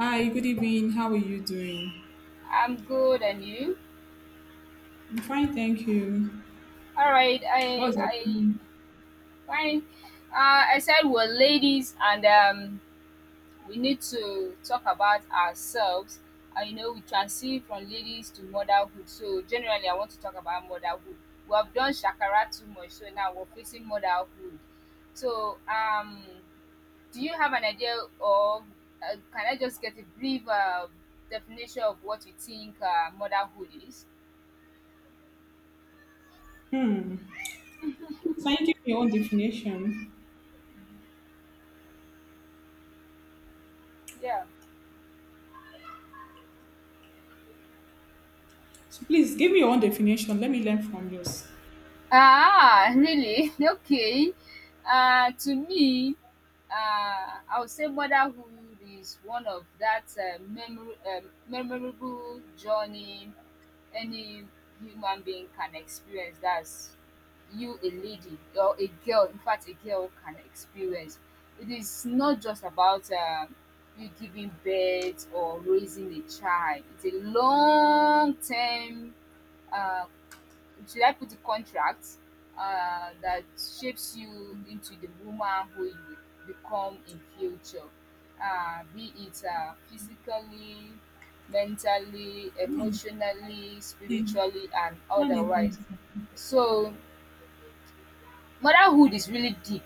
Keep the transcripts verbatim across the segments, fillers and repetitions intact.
Hi, good evening. How are you doing? I'm good, and you? I'm fine, thank you. All right, I, What's your— I, fine. Uh, I said we're ladies, and um, we need to talk about ourselves. And you know, we transition from ladies to motherhood. So generally, I want to talk about motherhood. We have done shakara too much, so now we're facing motherhood. So, um, do you have an idea, or uh, can I just get a brief uh, definition of what you think uh, motherhood is? Hmm. Please, can you give me your own definition? Yeah. So please give me your own definition. Let me learn from yours. Ah, really? Okay. Uh, to me, uh, I would say motherhood is one of that uh, memor- um, memorable journey any human being can experience. That's you, a lady or a girl. In fact, a girl can experience. It is not just about uh, you giving birth or raising a child. It's a long term. Um, should I put a contract uh, that shapes you into the woman who you will become in future, uh, be it uh, physically, mentally, emotionally, Okay. spiritually, and One otherwise. second. So motherhood is really deep.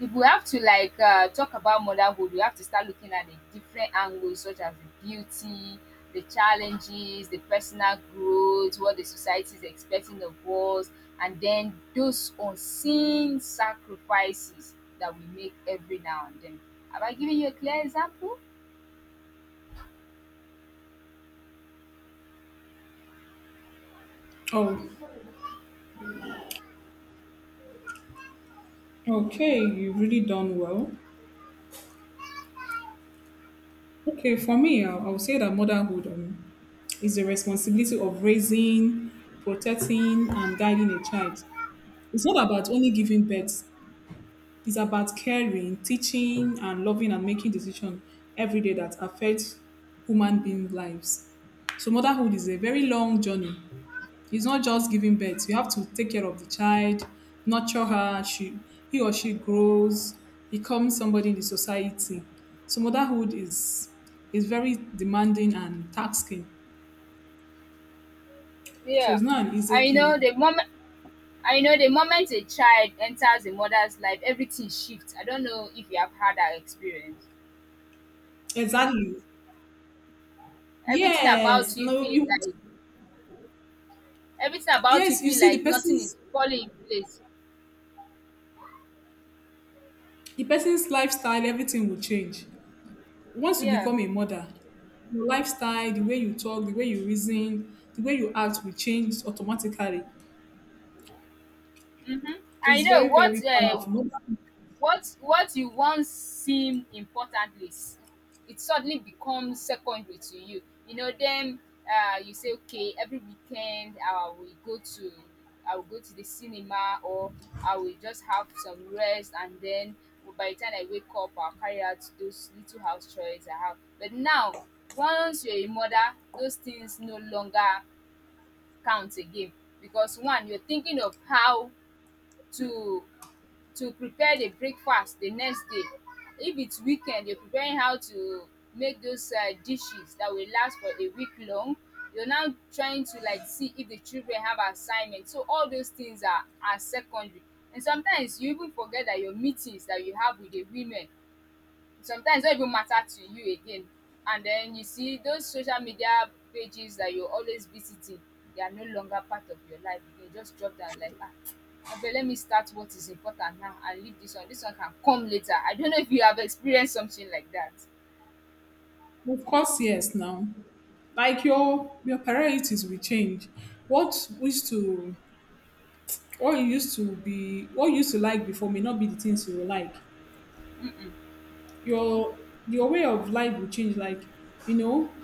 If we have to like uh, talk about motherhood, we have to start looking at the different angles, such as the beauty, the challenges, the personal growth, what the society is expecting of us, and then those unseen sacrifices that we make every now and then. Have I given you a clear example? Oh, okay. You've really done well. Okay, for me, I I would say that motherhood um, is the responsibility of raising, protecting, and guiding a child. It's not about only giving birth. It's about caring, teaching, and loving and making decisions every day that affect human being lives. So motherhood is a very long journey. It's not just giving birth. You have to take care of the child, nurture her. She, he or she grows, becomes somebody in the society. So motherhood is is very demanding and taxing. So it's Yeah. not an easy I know thing. the moment. I know the moment a child enters a mother's life, everything shifts. I don't know if you have had that experience. Exactly. Everything about Yes. you No. feel You. like Everything about you Yes. You feel see the like nothing person's is falling in place. the person's lifestyle, everything will change. Once you Yeah. become a mother, your lifestyle, the way you talk, the way you reason, the way you act will change automatically. Mhm. I It's know very, very what, uh powerful. Mother— What what you once seemed importantly s- it suddenly becomes secondary to you. You know, then uh, You say, okay, every weekend I will go to I will go to the cinema, or I will just have some rest, and then by the time I wake up I'll carry out those little house chores I have. But now once you're a mother, those things no longer count again, because one, you're thinking of how to to prepare the breakfast the next day. If it's weekend, you're preparing how to make those uh, dishes that will last for a week long. You're now trying to like see if the children have assignments. So all those things are are secondary. And sometimes you even forget that your meetings that you have with the women sometimes don't even matter to you again. And then you see those social media pages that you're always visiting, they are no longer part of your life. You just drop down like, ah. But let me start what is important now and leave this one. This one can come later. I don't know if you have experienced something like that. Of course, yes, now. Like your your priorities will change. What used to what you used to be what you used to like before may not be the things you will like. Your your way of life will change. Like, you know,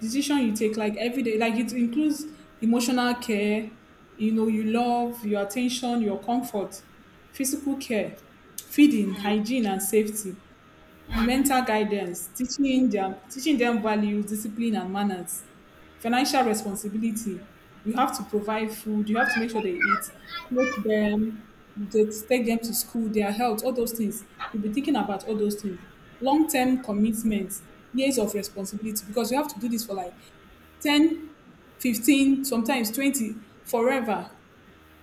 decision you take like every day like it includes emotional care, you know, you love, your attention, your comfort, physical care, feeding, Mm. hygiene and safety, Mm. mental guidance, teaching them teaching them values, discipline, and manners, financial responsibility. You have to provide food. You have to make sure they eat, clothe them, they take them to school, their health, all those things. You'll be thinking about all those things. Long term commitments, years of responsibility, because you have to do this for like ten, fifteen, sometimes twenty, forever.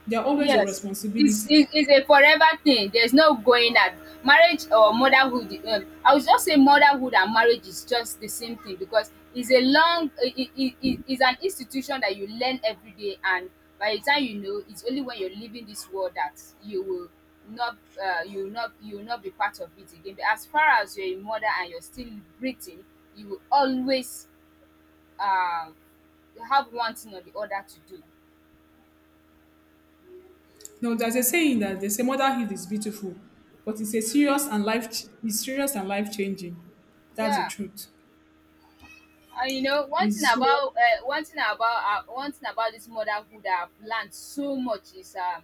They're always your Yes, it's responsibility. it's it's a forever thing. There's no going that. Marriage or motherhood, um, I would just say motherhood and marriage is just the same thing, because it's a long, it it it it's an institution that you learn every day, and by the time you know, it's only when you're leaving this world that you will not uh, you will not you will not be part of it again. But as far as you're a mother and you're still breathing, you will always, um, have one thing or the other to do. No, there's a saying that they say motherhood is beautiful, but it's a serious and life it's serious and life changing. That's the Yeah. truth. Uh, you know, one thing It's serious. about uh, one thing about uh, one thing about this motherhood I've learned so much is um,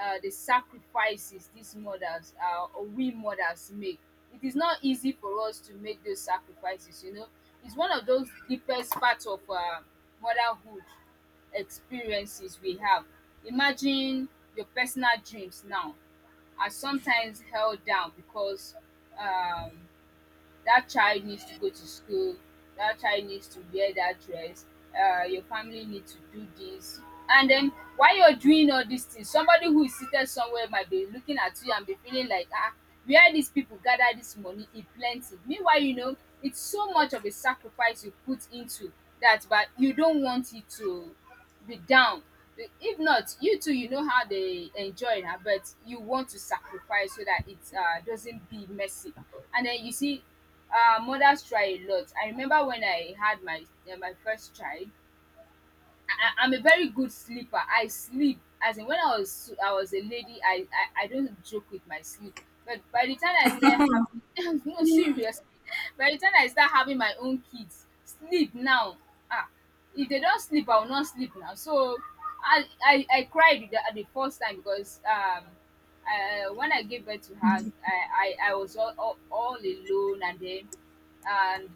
uh, the sacrifices these mothers, uh, or we mothers make. It is not easy for us to make those sacrifices. You know, it's one of those deepest parts of uh, motherhood experiences we have. Imagine your personal dreams now are sometimes held down because, um, that child needs to go to school, that child needs to wear that dress, uh, your family needs to do this, and then while you're doing all these things somebody who is seated somewhere might be looking at you and be feeling like, ah, where these people gather this money e plenty. Meanwhile, you know it's so much of a sacrifice you put into that, but you don't want it to be down. Be- if not you too, you know how they enjoy na, but you want to sacrifice so that it uh, doesn't be messy. And then you see uh mothers try a lot. I remember when I had my eh my first child, I, I'm a very good sleeper. I sleep, as in when I was I was a lady, I I, I don't joke with my sleep. But by the time I start having No, seriously, by the time I start having my own kids, sleep now. Ah, if they don't sleep, I will not sleep now. So I I, I cried the, the first time because um. Uh, when I gave birth to her, I, I, I was all, all, all alone, and then, and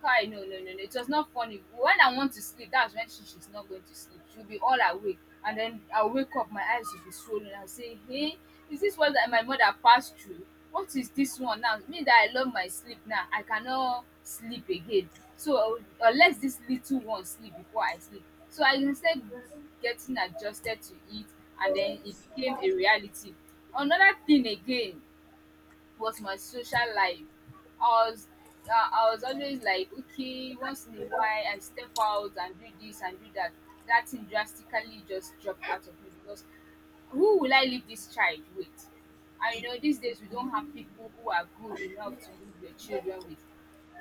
Kai, no, no, no, no. It was not funny. When I want to sleep, that's when she, she's not going to sleep. She'll be all awake. And then I'll wake up, my eyes will be swollen. I'll say, hey, is this what that my mother passed through? What is this one now? Me that I love my sleep, now I cannot sleep again. So uh, unless this little one sleep before I sleep. So I, instead, getting adjusted to it, and then it became a reality. Another thing again was my social life. I was uh, I was always like, okay, once in a while I step out and do this and do that. That thing drastically just dropped out of me, because who will I leave this child with? And you know, these days we don't have people who are good enough to leave their children with.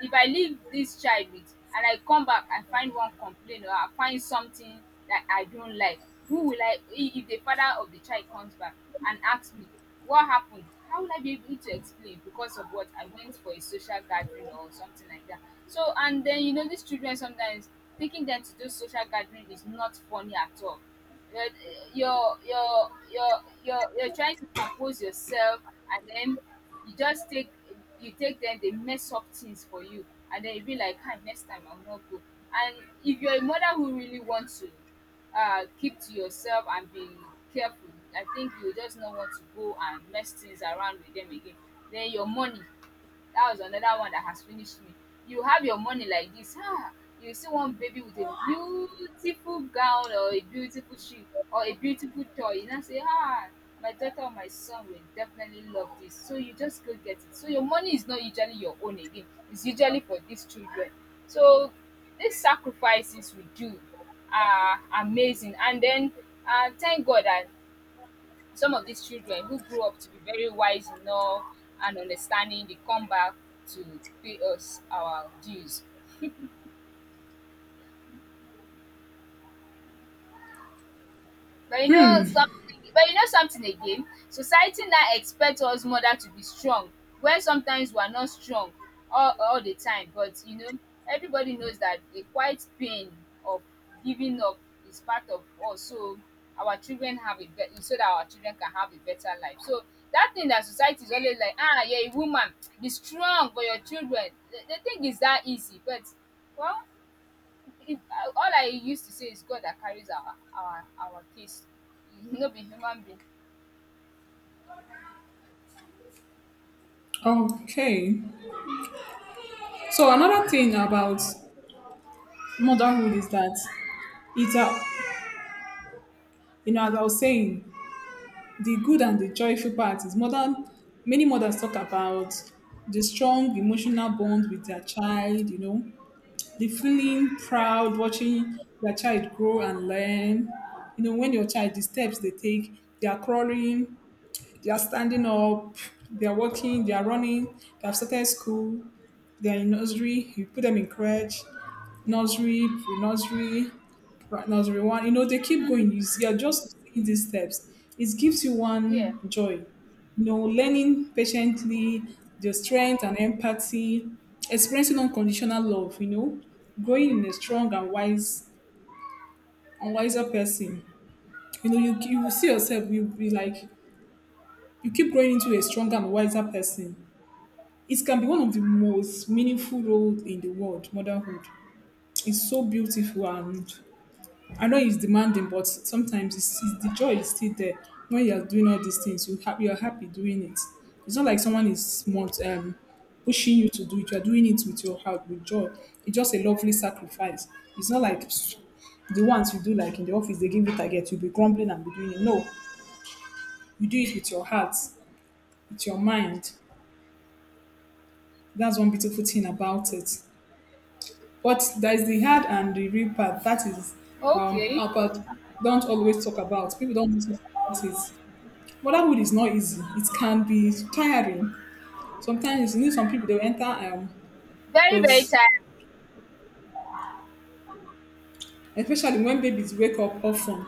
If I leave this child with and I come back and find one complaint or I find something that I don't like, who will I, if if the father of the child comes back and asks me what happened, how will I be able to explain, because of what, I went for a social gathering or something like that? So, and then you know these children, sometimes taking them to those social gathering is not funny at all. you're you're you're you're you're, you're trying to compose yourself, and then you just take you take them. They mess up things for you, and then you be like, "Hi, next time I will not go." And if you're a mother who really wants to uh, keep to yourself and be careful, I think you just not want to go and mess things around with them again. Then your money, that was another one that has finished me. You have your money like this, ah, you see one baby with a beautiful gown or a beautiful shoe or a beautiful toy, you know say, ah, my daughter or my son will definitely love this, so you just go get it. So your money is not usually your own again. It's usually for these children. So these sacrifices we do are amazing. And then, uh, thank God that some of these children who grew up to be very wise enough and understanding, they come back to pay us our dues. But you know something but you know something again, society now expects us mother to be strong when sometimes we are not strong all all the time. But you know, everybody knows that the quiet pain of giving up is part of us, so our children have a bet so that our children can have a better life. So that thing that society is always like, ah, you're a woman, be strong for your children, the the thing is that easy. But well, it, I- all I used to say is God that carries our our our case. No be human being. Okay. So another thing about motherhood is that it's a you know, as I was saying, the good and the joyful part is mother many mothers talk about the strong emotional bond with their child, you know, the feeling proud watching their child grow and learn. You know, when your child the steps they take, they are crawling, they are standing up, they are walking, they are running, they have started school, they are in nursery, you put them in crèche, nursery, pre-nursery, pra- nursery one, you know, they keep Yeah. going. You see, you're just seeing these steps. It gives you Yeah, one joy. You know, learning patiently, the strength and empathy, experiencing unconditional love, you know, growing in a strong and wise and wiser person. You know, you, you yeah. will see yourself, you will be like, you keep growing into a stronger and wiser person. It can be one of the most meaningful roles in the world, motherhood. It's so beautiful, and I know it's demanding, but sometimes it's, it's, the joy is still there. When you're doing all these things, you ha- you're happy doing it. It's not like someone is not um, pushing you to do it. You're doing it with your heart, with joy. It's just a lovely sacrifice. It's not like the ones you do like in the office, they give you target, you'll be grumbling and be doing it. No, you do it with your heart, with your mind. That's one beautiful thing about it. But there's the hard and the real part. That is um Okay. a part don't always talk about. People don't always talk about it. Motherhood is not easy. It can be tiring. Sometimes you need some people they'll enter um Very very those, tired. especially when babies wake up often.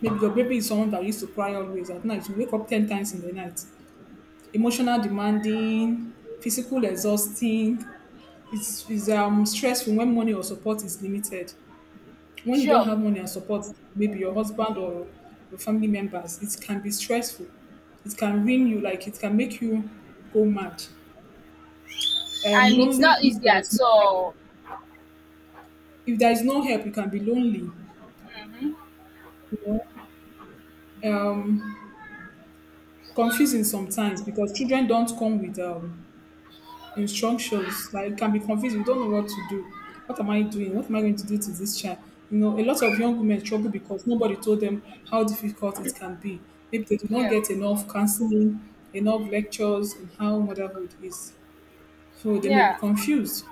Maybe your baby is someone that used to cry always at night. You wake up ten times in the night. Emotional demanding, physical exhausting. It's, it's um stressful when money or support is limited. When you don't Sure. have money and support, maybe your husband or your family members, it can be stressful. It can ruin you, like it can make you go mad. Um, And it's lonely not if easy there is at no help. all. If there is no help, you can be lonely. Hmm. You know, um, confusing sometimes because children don't come with um, instructions that you can be confused. You don't know what to do. What am I doing? What am I going to do to this child? You know, a lot of young women struggle because nobody told them how difficult it can be. Maybe they did not Yeah, get enough counseling, enough lectures on how motherhood is. So they may be yeah. confused.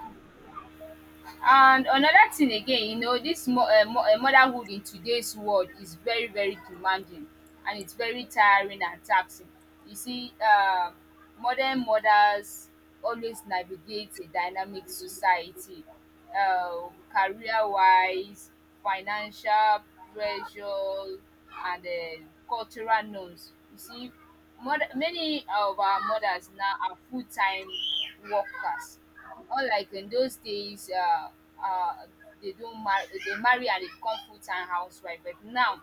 And another thing again, you know, this mo um mo um motherhood in today's world is very very demanding, and it's very tiring and taxing. You see, um modern mothers always navigate a dynamic society, um career-wise, financial pressure, and um cultural norms. You see, mother many of our mothers now are full-time workers, unlike in those days, uh, uh, they don't marry, they marry and they become full-time housewife. But now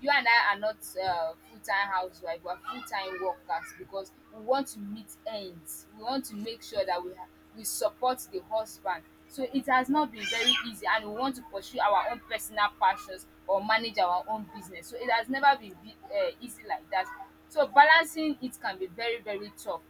you and I are not uh, full-time housewife, we are full-time workers, because we want to meet ends, we want to make sure that we ha- we support the husband. So it has not been very easy. And we want to pursue our own personal passions or manage our own business. So it has never been be, uh, easy like that. So balancing it can be very very tough.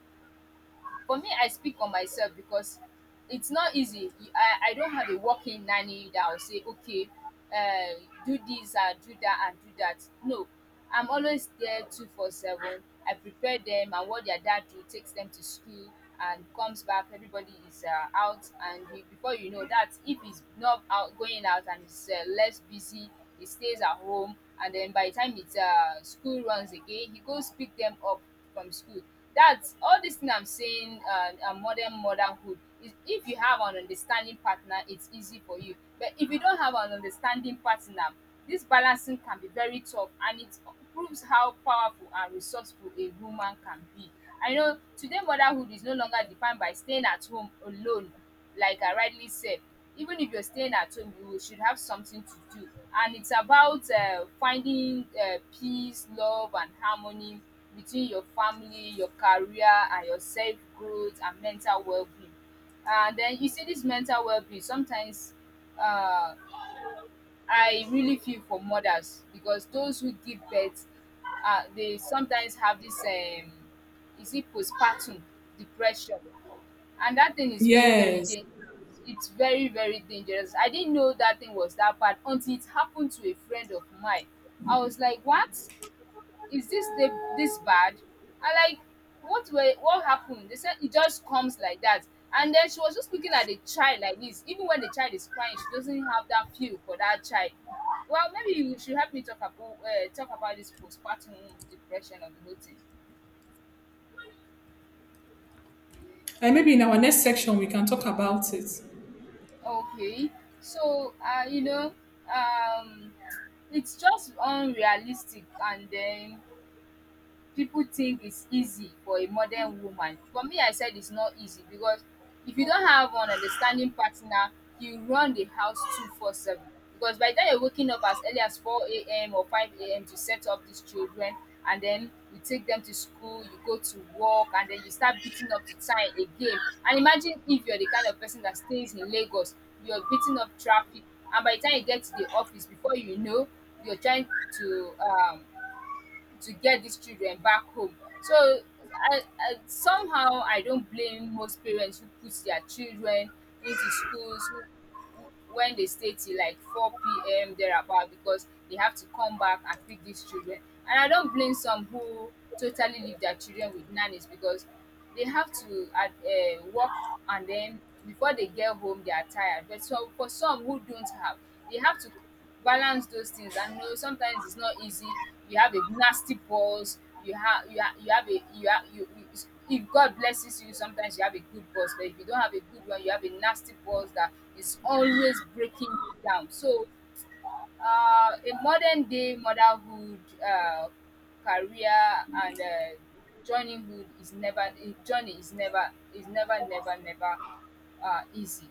For me, I speak on myself, because it's not easy. You- I, I don't have a working nanny that will say, okay, uh, do this and do that and do that. No, I'm always there twenty four seven. I prepare them and what their dad do takes them to school and comes back. Everybody is uh, out, and he, before you know that, if he's not out going out and he's uh, less busy, he stays at home. And then by the time it's uh, school runs again, he goes pick them up from school. that all this thing I'm saying, uh, uh, modern motherhood, is if you have an understanding partner, it's easy for you. But if you don't have an understanding partner, this balancing can be very tough, and it proves how powerful and resourceful a woman can be. I know today motherhood is no longer defined by staying at home alone, like I rightly said. even if you're staying at home you should have something to do, and it's about uh, finding uh, peace, love, and harmony between your family, your career, and your self growth and mental well-being. And then you see this mental well-being sometimes. uh, I really feel for mothers because those who give birth, uh, they sometimes have this, um, is it postpartum depression, and that thing is very very Yes. dangerous. It's very very dangerous. I didn't know that thing was that bad until it happened to a friend of mine. I was like, what? Is this they, this bad? I like, what were what happened? They said it just comes like that. And then she was just looking at the child like this. Even when the child is crying, she doesn't have that feel for that child. Well, maybe you should help me talk about uh, talk about this postpartum depression of the whole thing. And maybe in our next section we can talk about it. Okay, so uh, you know, um, it's just unrealistic, and then people think it's easy for a modern woman. For me, I said it's not easy because if you don't have an understanding partner, you run the house twenty four seven. Because by the time you're waking up as early as four a m or five a m to set up these children, and then you take them to school, you go to work, and then you start beating up to time again. And imagine if you're the kind of person that stays in Lagos, you're beating up traffic, and by the time you get to the office, before you know, you're trying to, um, to get these children back home. So I, I somehow I don't blame most parents who put their children into schools who, who- when they stay till like four p m thereabout because they have to come back and pick these children. And I don't blame some who totally leave their children with nannies because they have to, uh, uh, work, and then before they get home they are tired. But so for some who don't have, they have to balance those things and know sometimes it's not easy. You have a nasty boss. you have you have you have a you have you, you If God blesses you sometimes you have a good boss, but if you don't have a good one you have a nasty boss that is always breaking you down. So uh a modern day motherhood, uh career, and uh journeyhood is never, eh, journey is never is never never never uh easy.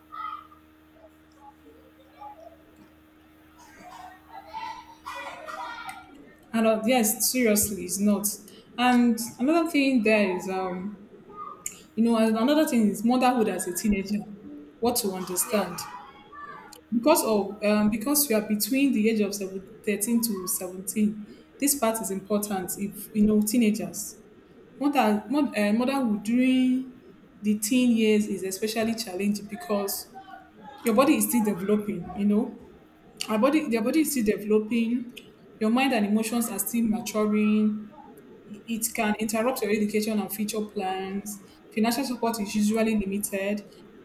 And uh, yes, seriously, it's not. And another thing there is, um, you know, and another thing is motherhood as a teenager. What to understand. Yes. Because of um, because we are between the age of seven, thirteen to seventeen, this part is important. If you know teenagers, mother, mod, uh, motherhood during the teen years is especially challenging because your body is still developing. You know, our body, their body is still developing. Your mind and emotions are still maturing. It can interrupt your education and future plans. Financial support is usually limited.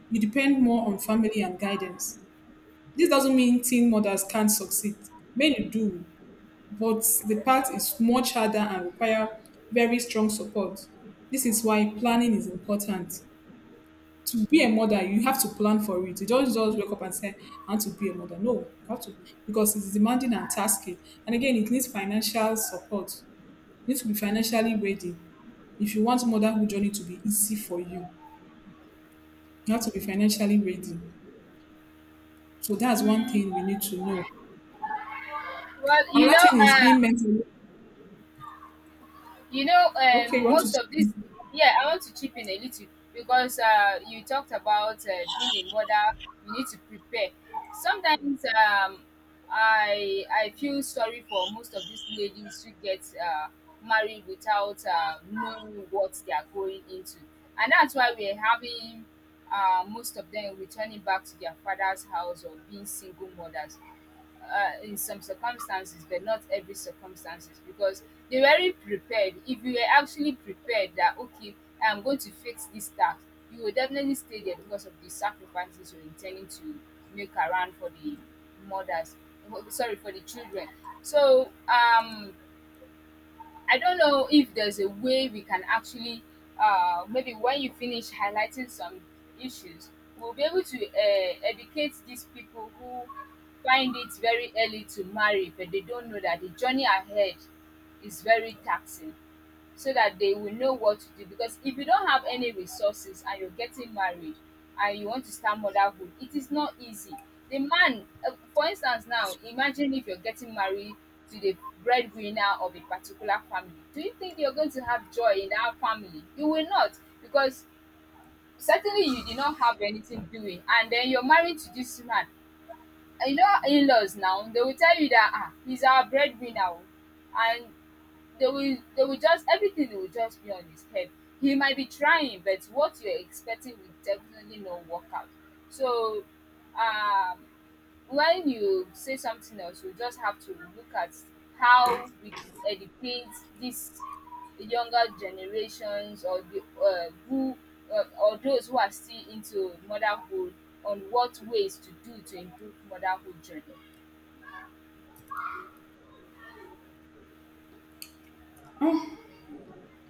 You depend more on family and guidance. This doesn't mean teen mothers can't succeed. Many do, but the path is much harder and require very strong support. This is why planning is important. To be a mother, you have to plan for it. You don't just wake up and say, I want to be a mother. No, you have to, because it's demanding and tasking. And again, it needs financial support. You need to be financially ready. If you want motherhood journey to be easy for you, you have to be financially ready. So that's one Mm. thing we need to know. Well, you Another know, thing is uh being mentally— You know, Okay, you um, want most of to? this, yeah, I want to chip in a little because uh, you talked about uh, being a mother. You need to prepare. Sometimes, um, I I feel sorry for most of these ladies who get uh, married without uh, knowing what they are going into, and that's why we're having uh, most of them returning back to their father's house or being single mothers uh, in some circumstances but not every circumstances, because they weren't prepared. If you were actually prepared that okay, i'm going to fix this task, you will definitely stay there because of the sacrifices you're intending to make around for the mothers, sorry, for the children. So um I don't know if there's a way we can actually, uh, maybe when you finish highlighting some issues, we'll be able to uh, educate these people who find it very early to marry, but they don't know that the journey ahead is very taxing, so that they will know what to do. Because if you don't have any resources and you're getting married and you want to start motherhood, it is not easy. The man, uh, for instance, now imagine if you're getting married to the breadwinner of a particular family. Do you think you're going to have joy in that family? You will not, because certainly you did not have anything doing, and then you're married to this man. And You know, in laws now, they will tell you that, ah, he's our breadwinner, oh. And they will they will just, everything will just be on his head. He might be trying, but what you're expecting will definitely not work out. So um when you say something else, you just have to look at how we could educate these younger generations or the uh, who uh, or those who are still into motherhood on what ways to do to improve motherhood journey.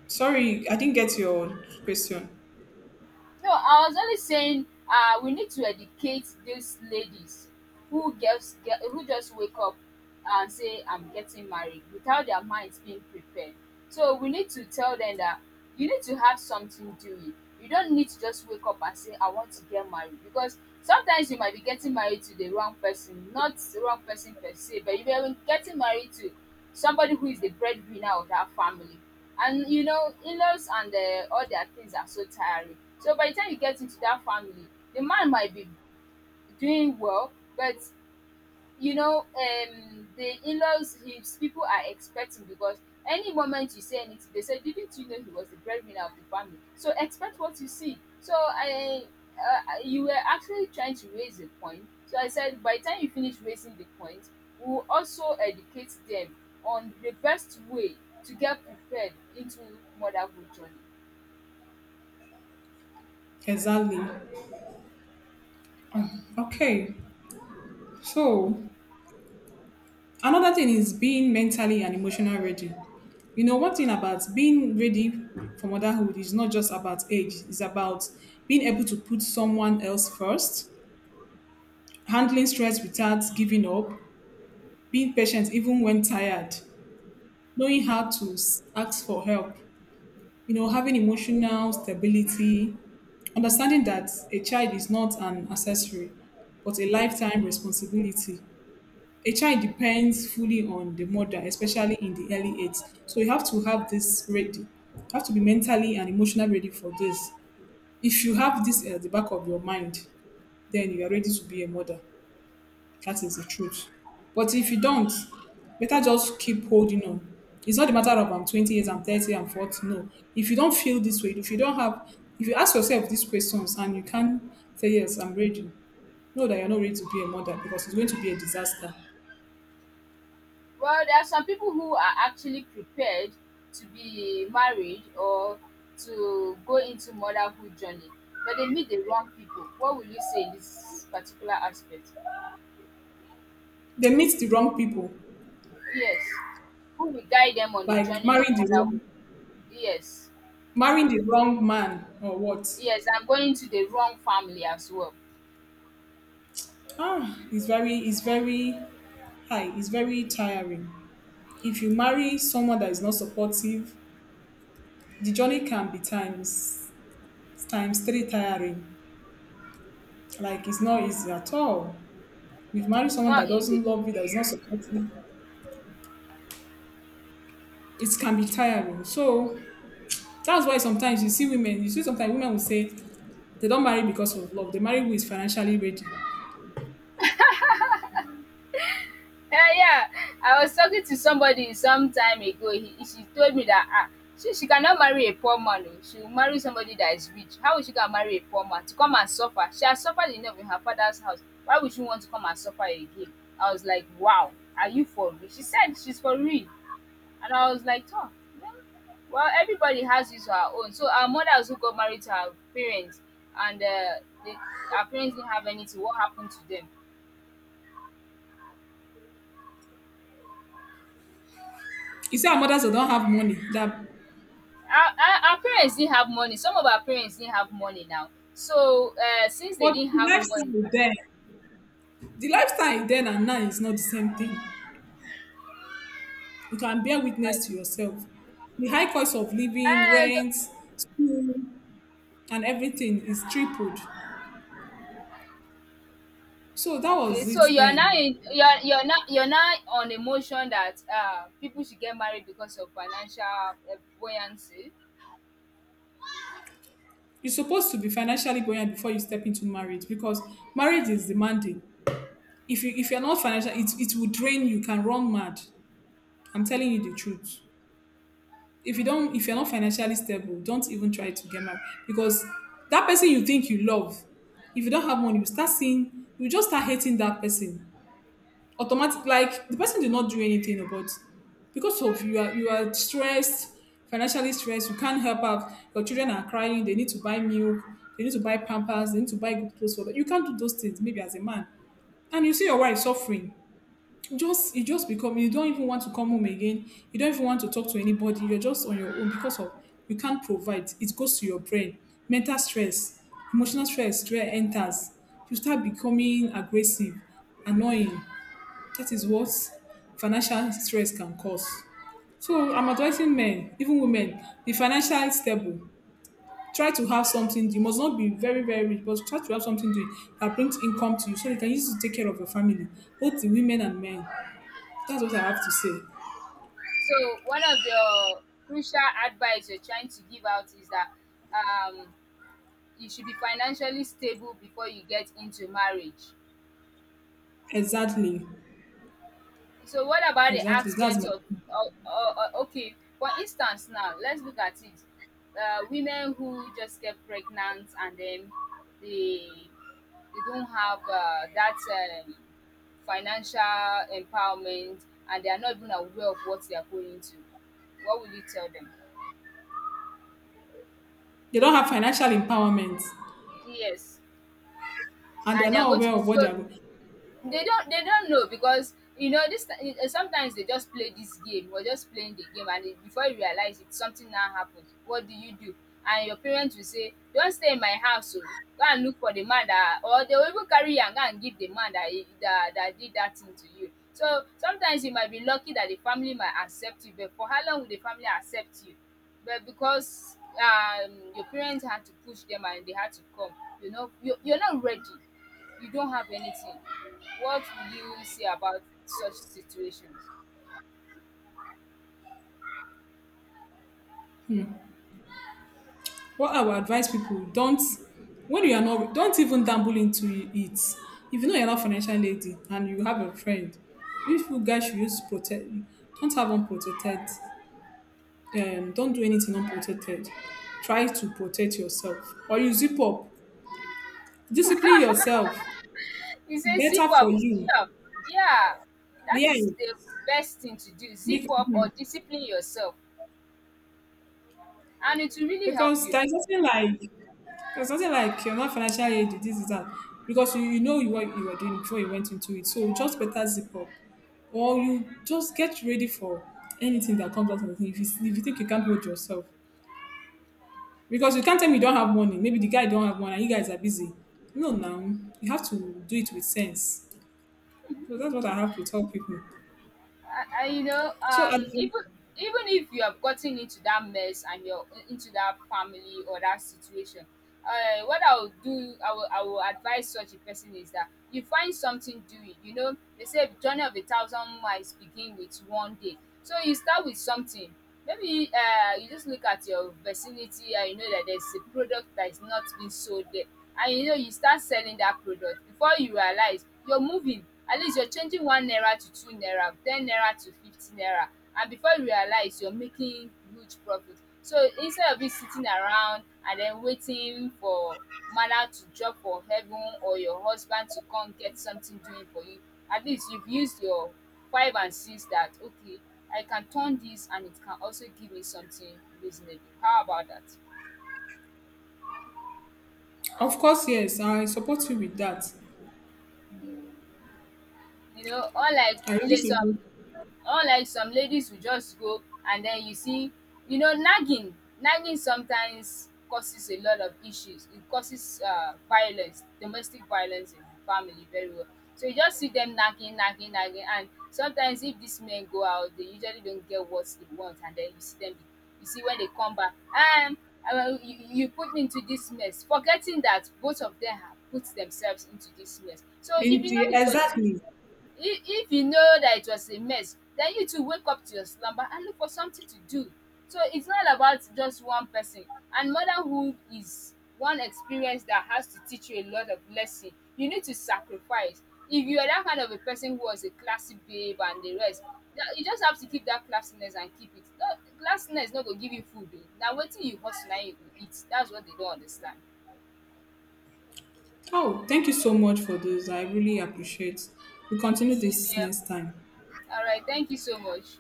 Sorry, I didn't get your question. No, I was only saying uh, we need to educate these ladies, who gets get, who just wake up and say I'm getting married without their minds being prepared. So we need to tell them that you need to have something doing. You don't need to just wake up and say I want to get married, because sometimes you might be getting married to the wrong person, not the wrong person per se, but you may be getting married to somebody who is the breadwinner of that family. And you know, in-laws and uh, all their things are so tiring. So by the time you get into that family, the man might be doing well, but you know, um the in-laws, his people, are expecting, because any moment you say anything they say, didn't you know he was the breadwinner of the family? So expect what you see. So i uh, you were actually trying to raise a point, so i said by the time you finish raising the point, we will also educate them on the best way to get prepared into motherhood journey. Exactly. Okay. So another thing is being mentally and emotionally ready. You know, one thing about being ready for motherhood is not just about age, it's about being able to put someone else first, handling stress without giving up, being patient even when tired, knowing how to s- ask for help, you know, having emotional stability, understanding that a child is not an accessory, but a lifetime responsibility. A child depends fully on the mother, especially in the early age. So you have to have this ready. You have to be mentally and emotionally ready for this. If you have this at the back of your mind, then you are ready to be a mother. That is the truth. But if you don't, better just keep holding on. It's not a matter of I'm twenty years, I'm thirty, I'm forty. No. If you don't feel this way, if you don't have, if you ask yourself these questions and you can't say, yes, I'm ready, know that you're not ready to be a mother because it's going to be a disaster. Well, there are some people who are actually prepared to be married or to go into motherhood journey, but they meet the wrong people. What will you say in this particular aspect? They meet the wrong people, Yes. Who will guide them on the like journey of marrying the wrong, motherhood? Yes. marrying the wrong man or what. Yes, I'm going to the wrong family as well. Ah, it's very, it's very high. It's very tiring. If you marry someone that is not supportive, the journey can be times times three tiring. Like it's not easy at all. You've married It's someone that not easy. doesn't love you, that is not supportive. It can be tiring. So that's why sometimes you see women, you see sometimes women will say they don't marry because of love. They marry who is financially ready. Yeah, yeah. I was talking to somebody some time ago. He, she, told me that, ah, she, she cannot marry a poor man, oh. She will marry somebody that is rich. How is she gonna marry a poor man to come and suffer? She has suffered enough in her father's house. Why would she want to come and suffer again? I was like, wow, are you for real? She said she's for real, and I was like, oh, well, well, everybody has his or her own. So our mother also got married to her parents, and uh, they, our parents didn't have anything. What happened to them? You see our mothers that don't have money. That— our our our parents didn't have money. Some of our parents didn't have money now. So uh, since they but didn't the have money, lifestyle is there. The lifestyle then and now is not the same thing. You can bear my witness to yourself. The high cost of living, uh, rent, school, and everything is tripled. So that okay. was So it you are now then. in, you are you're now you're now on a motion that uh, people should get married because of financial uh, buoyancy. You're supposed to be financially buoyant before you step into marriage because marriage is demanding. If you if you're not financial, it, it will drain you, can run mad. I'm telling you the truth. If you don't if you're not financially stable, don't even try to get married. Because that person you think you love, if you don't have money, you start seeing you just start hating that person, automatic, like the person did not do anything, about because of you are, you are stressed, financially stressed. You can't help out. Your children are crying, they need to buy milk, they need to buy pampers, they need to buy good clothes for them. You can't do those things. Maybe as a man, and you see your wife suffering, just you just become, you don't even want to come home again, you don't even want to talk to anybody, you're just on your own because of you can't provide. It goes to your brain. Mental stress, emotional stress where enters, you start becoming aggressive, annoying. That is what financial stress can cause. So I'm advising men, even women, be financially stable. Try to have something. You must not be very, very rich, but try to have something to, that brings income to you so you can use it to take care of your family, both the women and men. That's what I have to say. So one of your crucial advice you're trying to give out is that, um, you should be financially stable before you get into marriage. Exactly. So what about the Exactly. That's aspects my— of, o o o okay, for instance now, let's look at it. Uh, women who just get pregnant and then they they don't have uh, that, um, financial empowerment, and they are not even aware of what they are going into. What will you tell them? They don't have financial empowerment Yes, and they're and they are not going to aware be of what they so, are. they don't they don't know, because you know this ti- eh, sometimes they just play this game, we're just playing the game and it, before you realize it something now happened, what do you do? And your parents will say, don't stay in my house, oh, go and look for the man that, or they will even carry you and go and give the man that he- that that did that thing to you. So sometimes you might be lucky that the family might accept you, but for how long will the family accept you? But because um your parents had to push them and they had to come, you know you, you're not ready, you don't have anything. What will you say about such situations? What I would advise people, don't— when you are not, don't even dabble into it. If you know you're not financial lady and you have a friend, if you guys should use protect, don't have unprotected, um don't do anything unprotected. Try to protect yourself or you zip up. Discipline yourself. He says Better zip for up is you. sure. Yeah, that Yeah. is the best thing to do. Zip Because, up or discipline yourself, and it will really help because you. there's nothing like or something like you're not financially aid, this is that. Because you, you know you- what you were doing before you went into it. So just better zip up. Or you just get ready for anything that comes out of it. If you, if you think you can't hold yourself. Because you can't tell me you don't have money. Maybe the guy don't have money and you guys are busy. No, now you have to do it with sense. So that's what I have to tell people. I, I you know So, um and— even even if you have gotten into that mess and you're, in- into that family or that situation, uh, what I will do I will, I will advise such a person is that you find something doing. You know they say journey of a thousand miles begin with one day, so you start with something. Maybe uh, you just look at your vicinity and you know that there's a product that is not being sold there, and you know you start selling that product. Before you realize, you're moving, at least you're changing one naira to two naira, ten naira to fifty naira, and before you realize you're making huge profit. So instead of you sitting around and then waiting for mother to drop for heaven or your husband to come get something doing for you, at least you've used your five and six that, okay, i can turn this and it can also give me something reasonable. How about that? of course, yes, I support you with that. You know, unlike I really later support. unlike, some ladies will just go, and then you see, you know, nagging nagging sometimes causes a lot of issues. It causes uh, violence, domestic violence in the family, very well. So you just see them nagging nagging nagging, and sometimes if these men go out they usually don't get what they want, and then you see them. You see when they come back, um uh, you, you put me into this mess, forgetting that both of them have put themselves into this mess. So if In you know the, it was, exactly. if if you know that it was a mess, then you too wake up to your slumber and look for something to do. So it's not about just one person. And motherhood is one experience that has to teach you a lot of lesson. You need to sacrifice. If you are that kind of a person who was a classy babe and the rest, na you just have to keep that classiness and keep it, no. Classiness no go give you food o, na wetin you hustle na im you go eat. That's what they don't understand. Oh, thank you so much for this. I really appreciate. We continue Same this here. next time. All right, thank you so much.